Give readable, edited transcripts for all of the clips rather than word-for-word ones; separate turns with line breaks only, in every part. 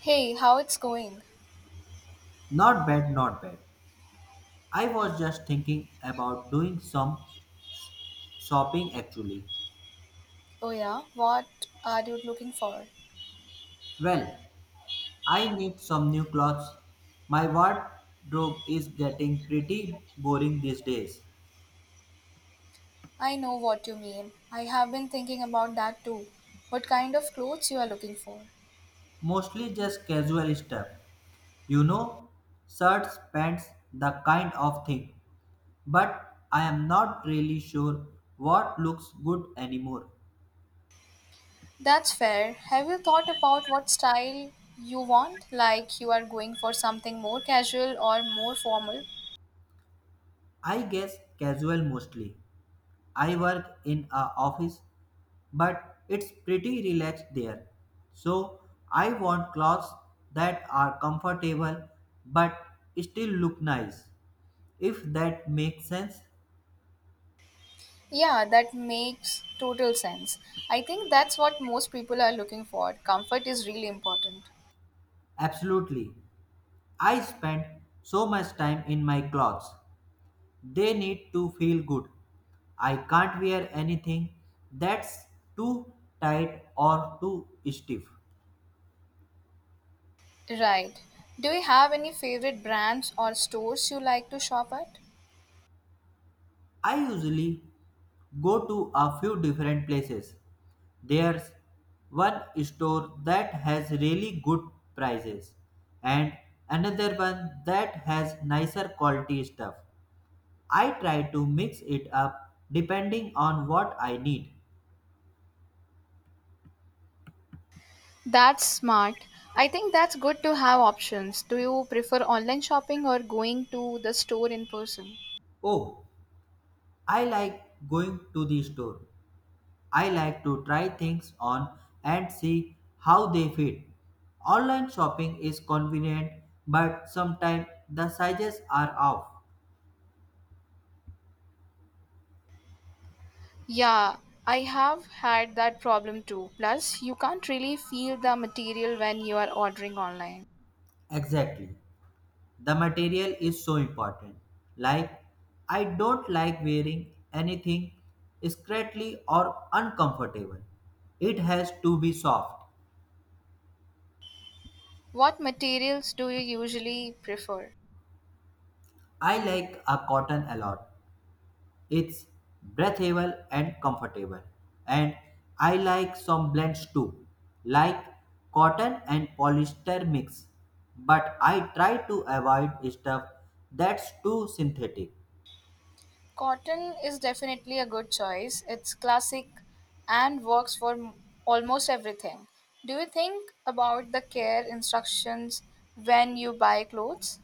Hey, how it's going?
Not bad, not bad. I was just thinking about doing some s- shopping actually.
Oh yeah, what are you looking for?
Well, I need some new clothes. My wardrobe is getting pretty boring these days.
I know what you mean. I have been thinking about that too. What kind of clothes you are looking for?
Mostly just casual stuff. You know, Shirts, pants, the kind of thing. But I am not really sure what looks good anymore.
That's fair. Have you thought about what style you want? Like you are going for something more casual or more formal?
I guess casual mostly. I work in a office but it's pretty relaxed there. So I want clothes that are comfortable but still look nice. If that makes sense,
Yeah, that makes total sense. I think that's what most people are looking for. Comfort is really important.
absolutely. I spend so much time in my clothes. They need to feel good. I can't wear anything that's too tight or too stiff.
Right. Do you have any favorite brands or stores you like to shop at?
I usually go to a few different places. There's one store that has really good prices and another one that has nicer quality stuff. I try to mix it up depending on what I need.
That's smart. I think that's good to have options. Do you prefer online shopping or going to the store in person?
Oh, I like going to the store. I like to try things on and see how they fit. Online shopping is convenient, but sometimes the sizes are off.
Yeah, I have had that problem too. Plus, you can't really feel the material when you are ordering online.
Exactly. The material is so important, like, I don't like wearing anything scratchy or uncomfortable. It has to be soft.
What materials do you usually prefer?
I like a cotton a lot. It's breathable and comfortable, and I like some blends too, like cotton and polyester mix, but I try to avoid stuff that's too synthetic.
Cotton is definitely a good choice. It's classic and works for almost everything. Do you think about the care instructions when you buy clothes?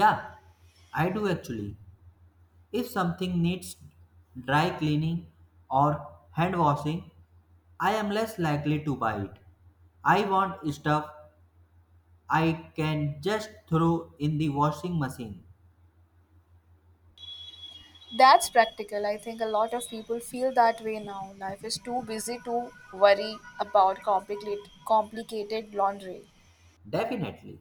Yeah, I do actually. If something needs dry cleaning or hand washing, I am less likely to buy it. I want stuff I can just throw in the washing machine.
That's practical. I think a lot of people feel that way now. Life is too busy to worry about complicated laundry.
Definitely.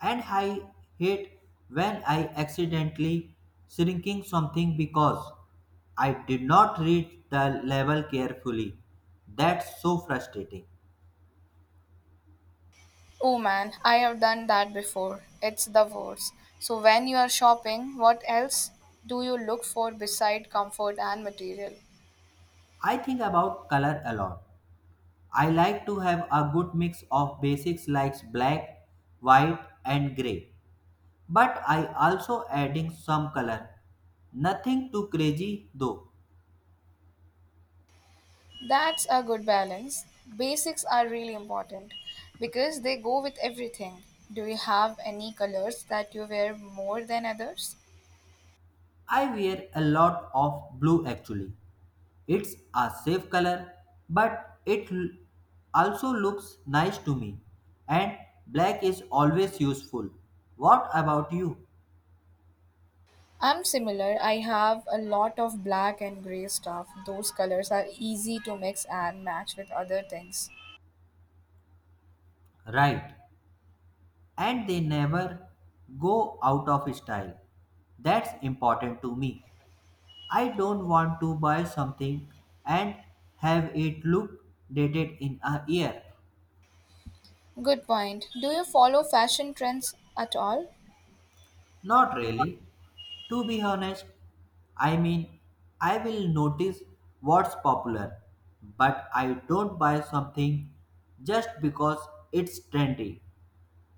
And I hate when I accidentally shrinking something because I did not read the label carefully. That's so frustrating.
Oh man, I have done that before. It's the worst. So when you are shopping, what else do you look for beside comfort and material?
I think about color a lot. I like to have a good mix of basics like black, white and gray. But I also adding some color. Nothing too crazy though.
That's a good balance. Basics are really important because they go with everything. Do you have any colors that you wear more than others?
I wear a lot of blue actually. It's a safe color but it also looks nice to me. And black is always useful. What about you?
I'm similar. I have a lot of black and gray stuff. Those colors are easy to mix and match with other things.
Right. And they never go out of style. That's important to me. I don't want to buy something and have it look dated in a year.
Good point. Do you follow fashion trends at all?
Not really. To be honest, I mean, I will notice what's popular, but I don't buy something just because it's trendy.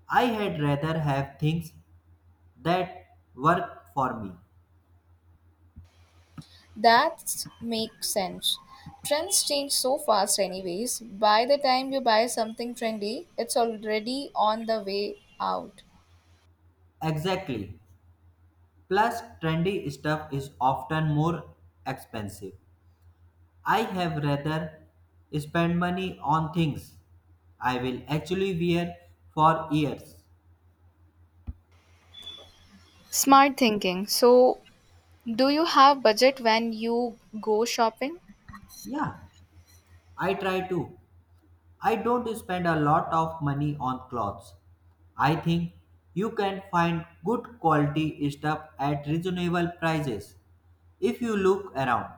I had rather have things that work for me.
That makes sense. Trends change so fast, anyways. By the time you buy something trendy, it's already on the way out.
Exactly. Plus, trendy stuff is often more expensive. I have rather spend money on things I will actually wear for years.
Smart thinking. So, do you have budget when you go shopping?
Yeah, I try to. I don't spend a lot of money on clothes. I think you can find good quality stuff at reasonable prices if you look around.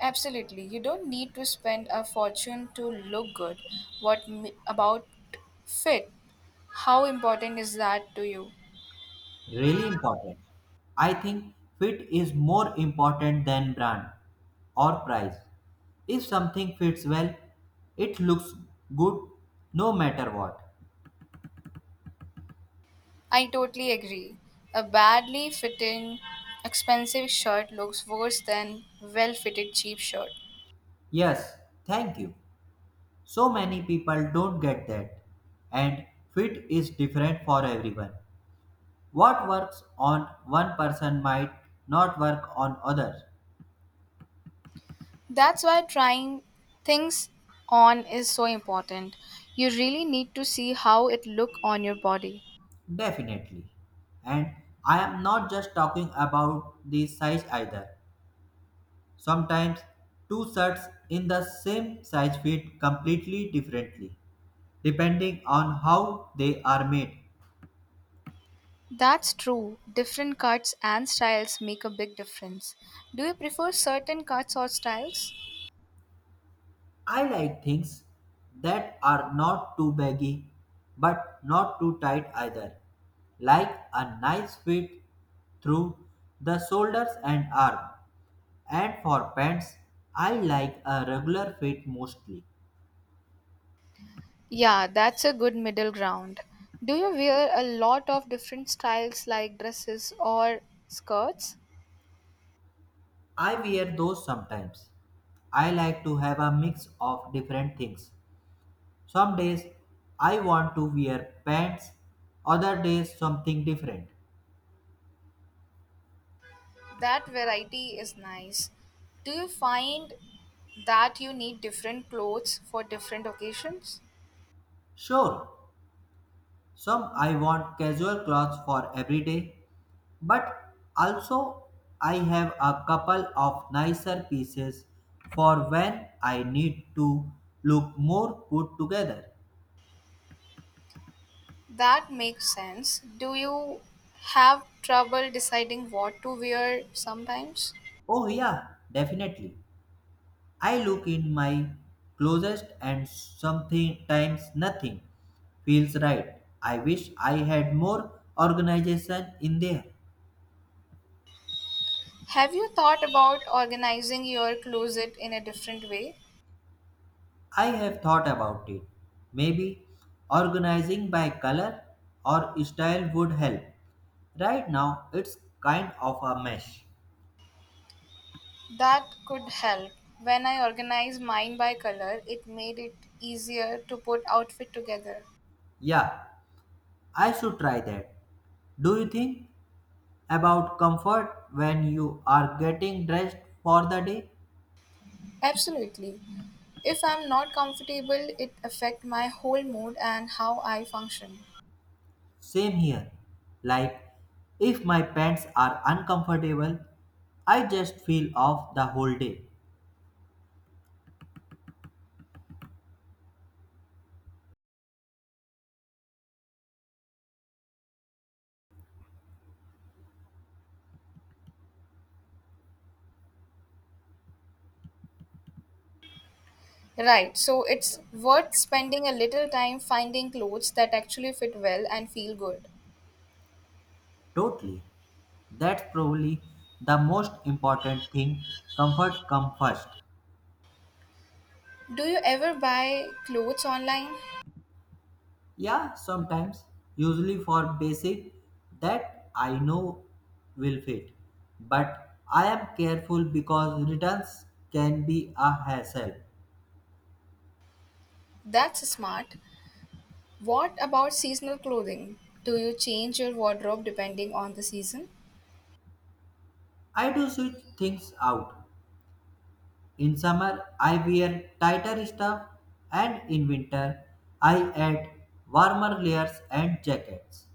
Absolutely. You don't need to spend a fortune to look good. What about fit? How important is that to you?
Really important. I think fit is more important than brand or price. If something fits well, it looks good no matter what.
I totally agree. A badly fitting, expensive shirt looks worse than well fitted cheap shirt.
Yes, thank you. So many people don't get that. And fit is different for everyone. What works on one person might not work on others.
That's why trying things on is so important. You really need to see how it look on your body.
Definitely. And I am not just talking about the size either. Sometimes two shirts in the same size fit completely differently depending on how they are made.
That's true. Different cuts and styles make a big difference. Do you prefer certain cuts or styles?
I like things that are not too baggy but not too tight either, like a nice fit through the shoulders and arm. And for pants, I like a regular fit mostly.
Yeah, that's a good middle ground. Do you wear a lot of different styles like dresses or skirts?
I wear those sometimes. I like to have a mix of different things. Some days I want to wear pants, other days something different.
That variety is nice. Do you find that you need different clothes for different occasions?
Sure, some I want casual clothes for every day, but also I have a couple of nicer pieces for when I need to look more put together.
That makes sense. Do you have trouble deciding what to wear sometimes?
Oh, yeah, definitely. I look in my closest and sometimes nothing feels right. I wish I had more organization in there.
Have you thought about organizing your closet in a different way?
I have thought about it. Maybe organizing by color or style would help. Right now, it's kind of a mess.
That could help. When I organized mine by color, it made it easier to put outfit together.
Yeah, I should try that. Do you think about comfort when you are getting dressed for the day?
Absolutely. If I'm not comfortable, it affect my whole mood and how I function.
Same here. Like, if my pants are uncomfortable, I just feel off the whole day.
Right. So it's worth spending a little time finding clothes that actually fit well and feel good.
Totally. That's probably the most important thing. Comfort come first.
Do you ever buy clothes online?
Yeah, sometimes. Usually for basic that I know will fit. But I am careful because returns can be a hassle.
That's smart. What about seasonal clothing? Do you change your wardrobe depending on the season?
I do switch things out. In summer, I wear tighter stuff, and in winter, I add warmer layers and jackets.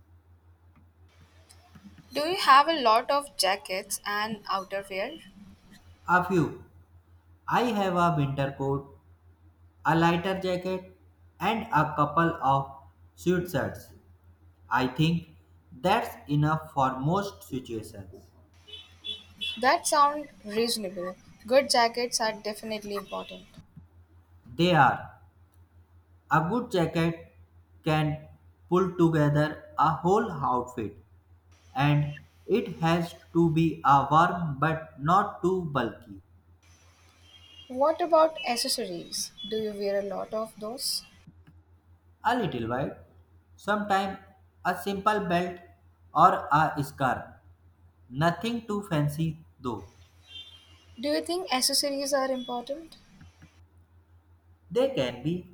Do you have a lot of jackets and outerwear?
A few. I have a winter coat, a lighter jacket, and a couple of sweatshirts. I think that's enough for most situations.
That sounds reasonable. Good jackets are definitely important.
They are a good jacket can pull together a whole outfit, and it has to be a warm but not too bulky,
What about accessories? Do you wear a lot of those?
a little wide. Sometimes a simple belt or a scarf. Nothing too fancy though.
Do you think accessories are important?
They can be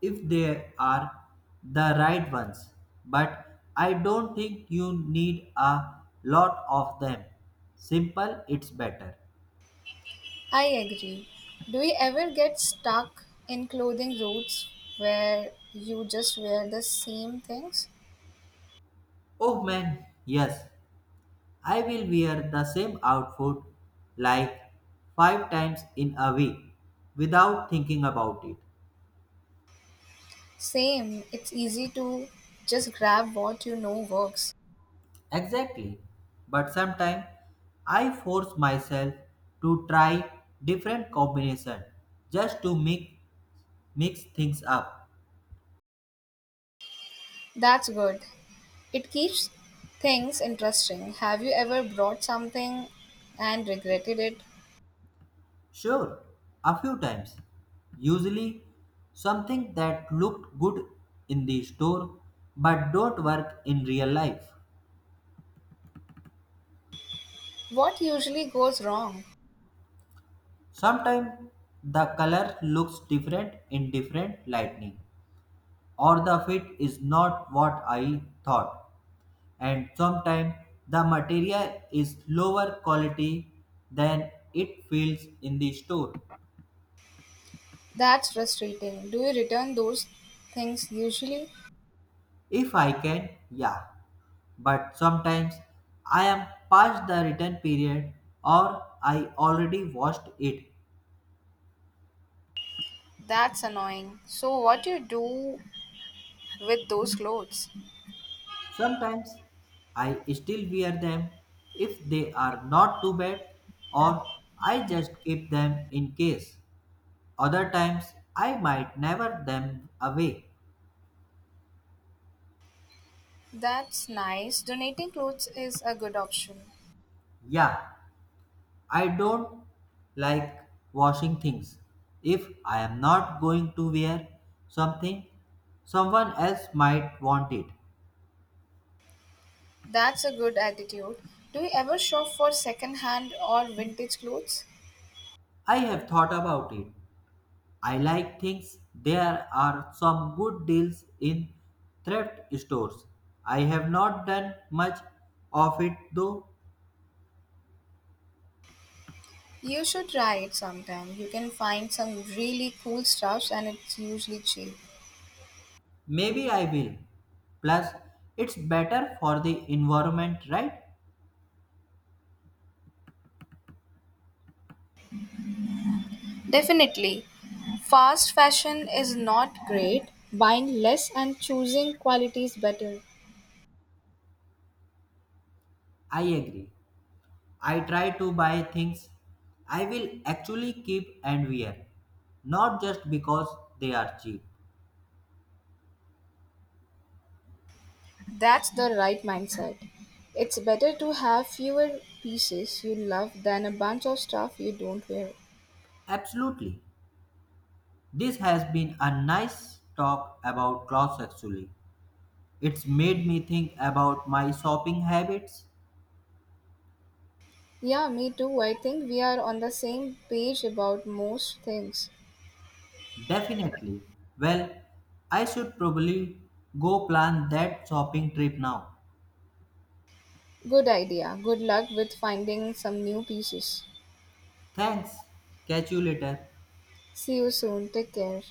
if they are the right ones, but I don't think you need a lot of them. Simple, it's better.
I agree. Do you ever get stuck in clothing routes where you just wear the same things?
Oh man, yes, I will wear the same outfit like five times in a week without thinking about it.
Same, it's easy to just grab what you know works.
Exactly, but sometimes I force myself to try different combination just to mix things up.
That's good. It keeps things interesting. Have you ever brought something and regretted it?
Sure, a few times. Usually something that looked good in the store but don't work in real life.
What usually goes wrong?
Sometimes the color looks different in different lighting, or the fit is not what I thought, and sometimes the material is lower quality than it feels in the store.
That's frustrating. Do you return those things usually?
If I can, yeah, but sometimes I am past the return period or I already washed it.
That's annoying. So, what do you do with those clothes?
Sometimes I still wear them if they are not too bad, or I just keep them in case. Other times I might never them away.
That's nice. Donating clothes is a good option.
Yeah, I don't like washing things. If I am not going to wear something, someone else might want it.
That's a good attitude. Do you ever shop for second hand or vintage clothes?
I have thought about it. I like things. There are some good deals in thrift stores. I have not done much of it though.
You should try it sometime. You can find some really cool stuffs and it's usually cheap.
Maybe I will. Plus, it's better for the environment, right?
Definitely. Fast fashion is not great. Buying less and choosing quality is better.
I agree. I try to buy things I will actually keep and wear, not just because they are cheap.
That's the right mindset. It's better to have fewer pieces you love than a bunch of stuff you don't wear.
Absolutely. This has been a nice talk about clothes actually. It's made me think about my shopping habits.
Yeah, me too. I think we are on the same page about most things.
Definitely. Well, I should probably go plan that shopping trip now.
Good idea. Good luck with finding some new pieces.
Thanks. Catch you later.
See you soon. Take care.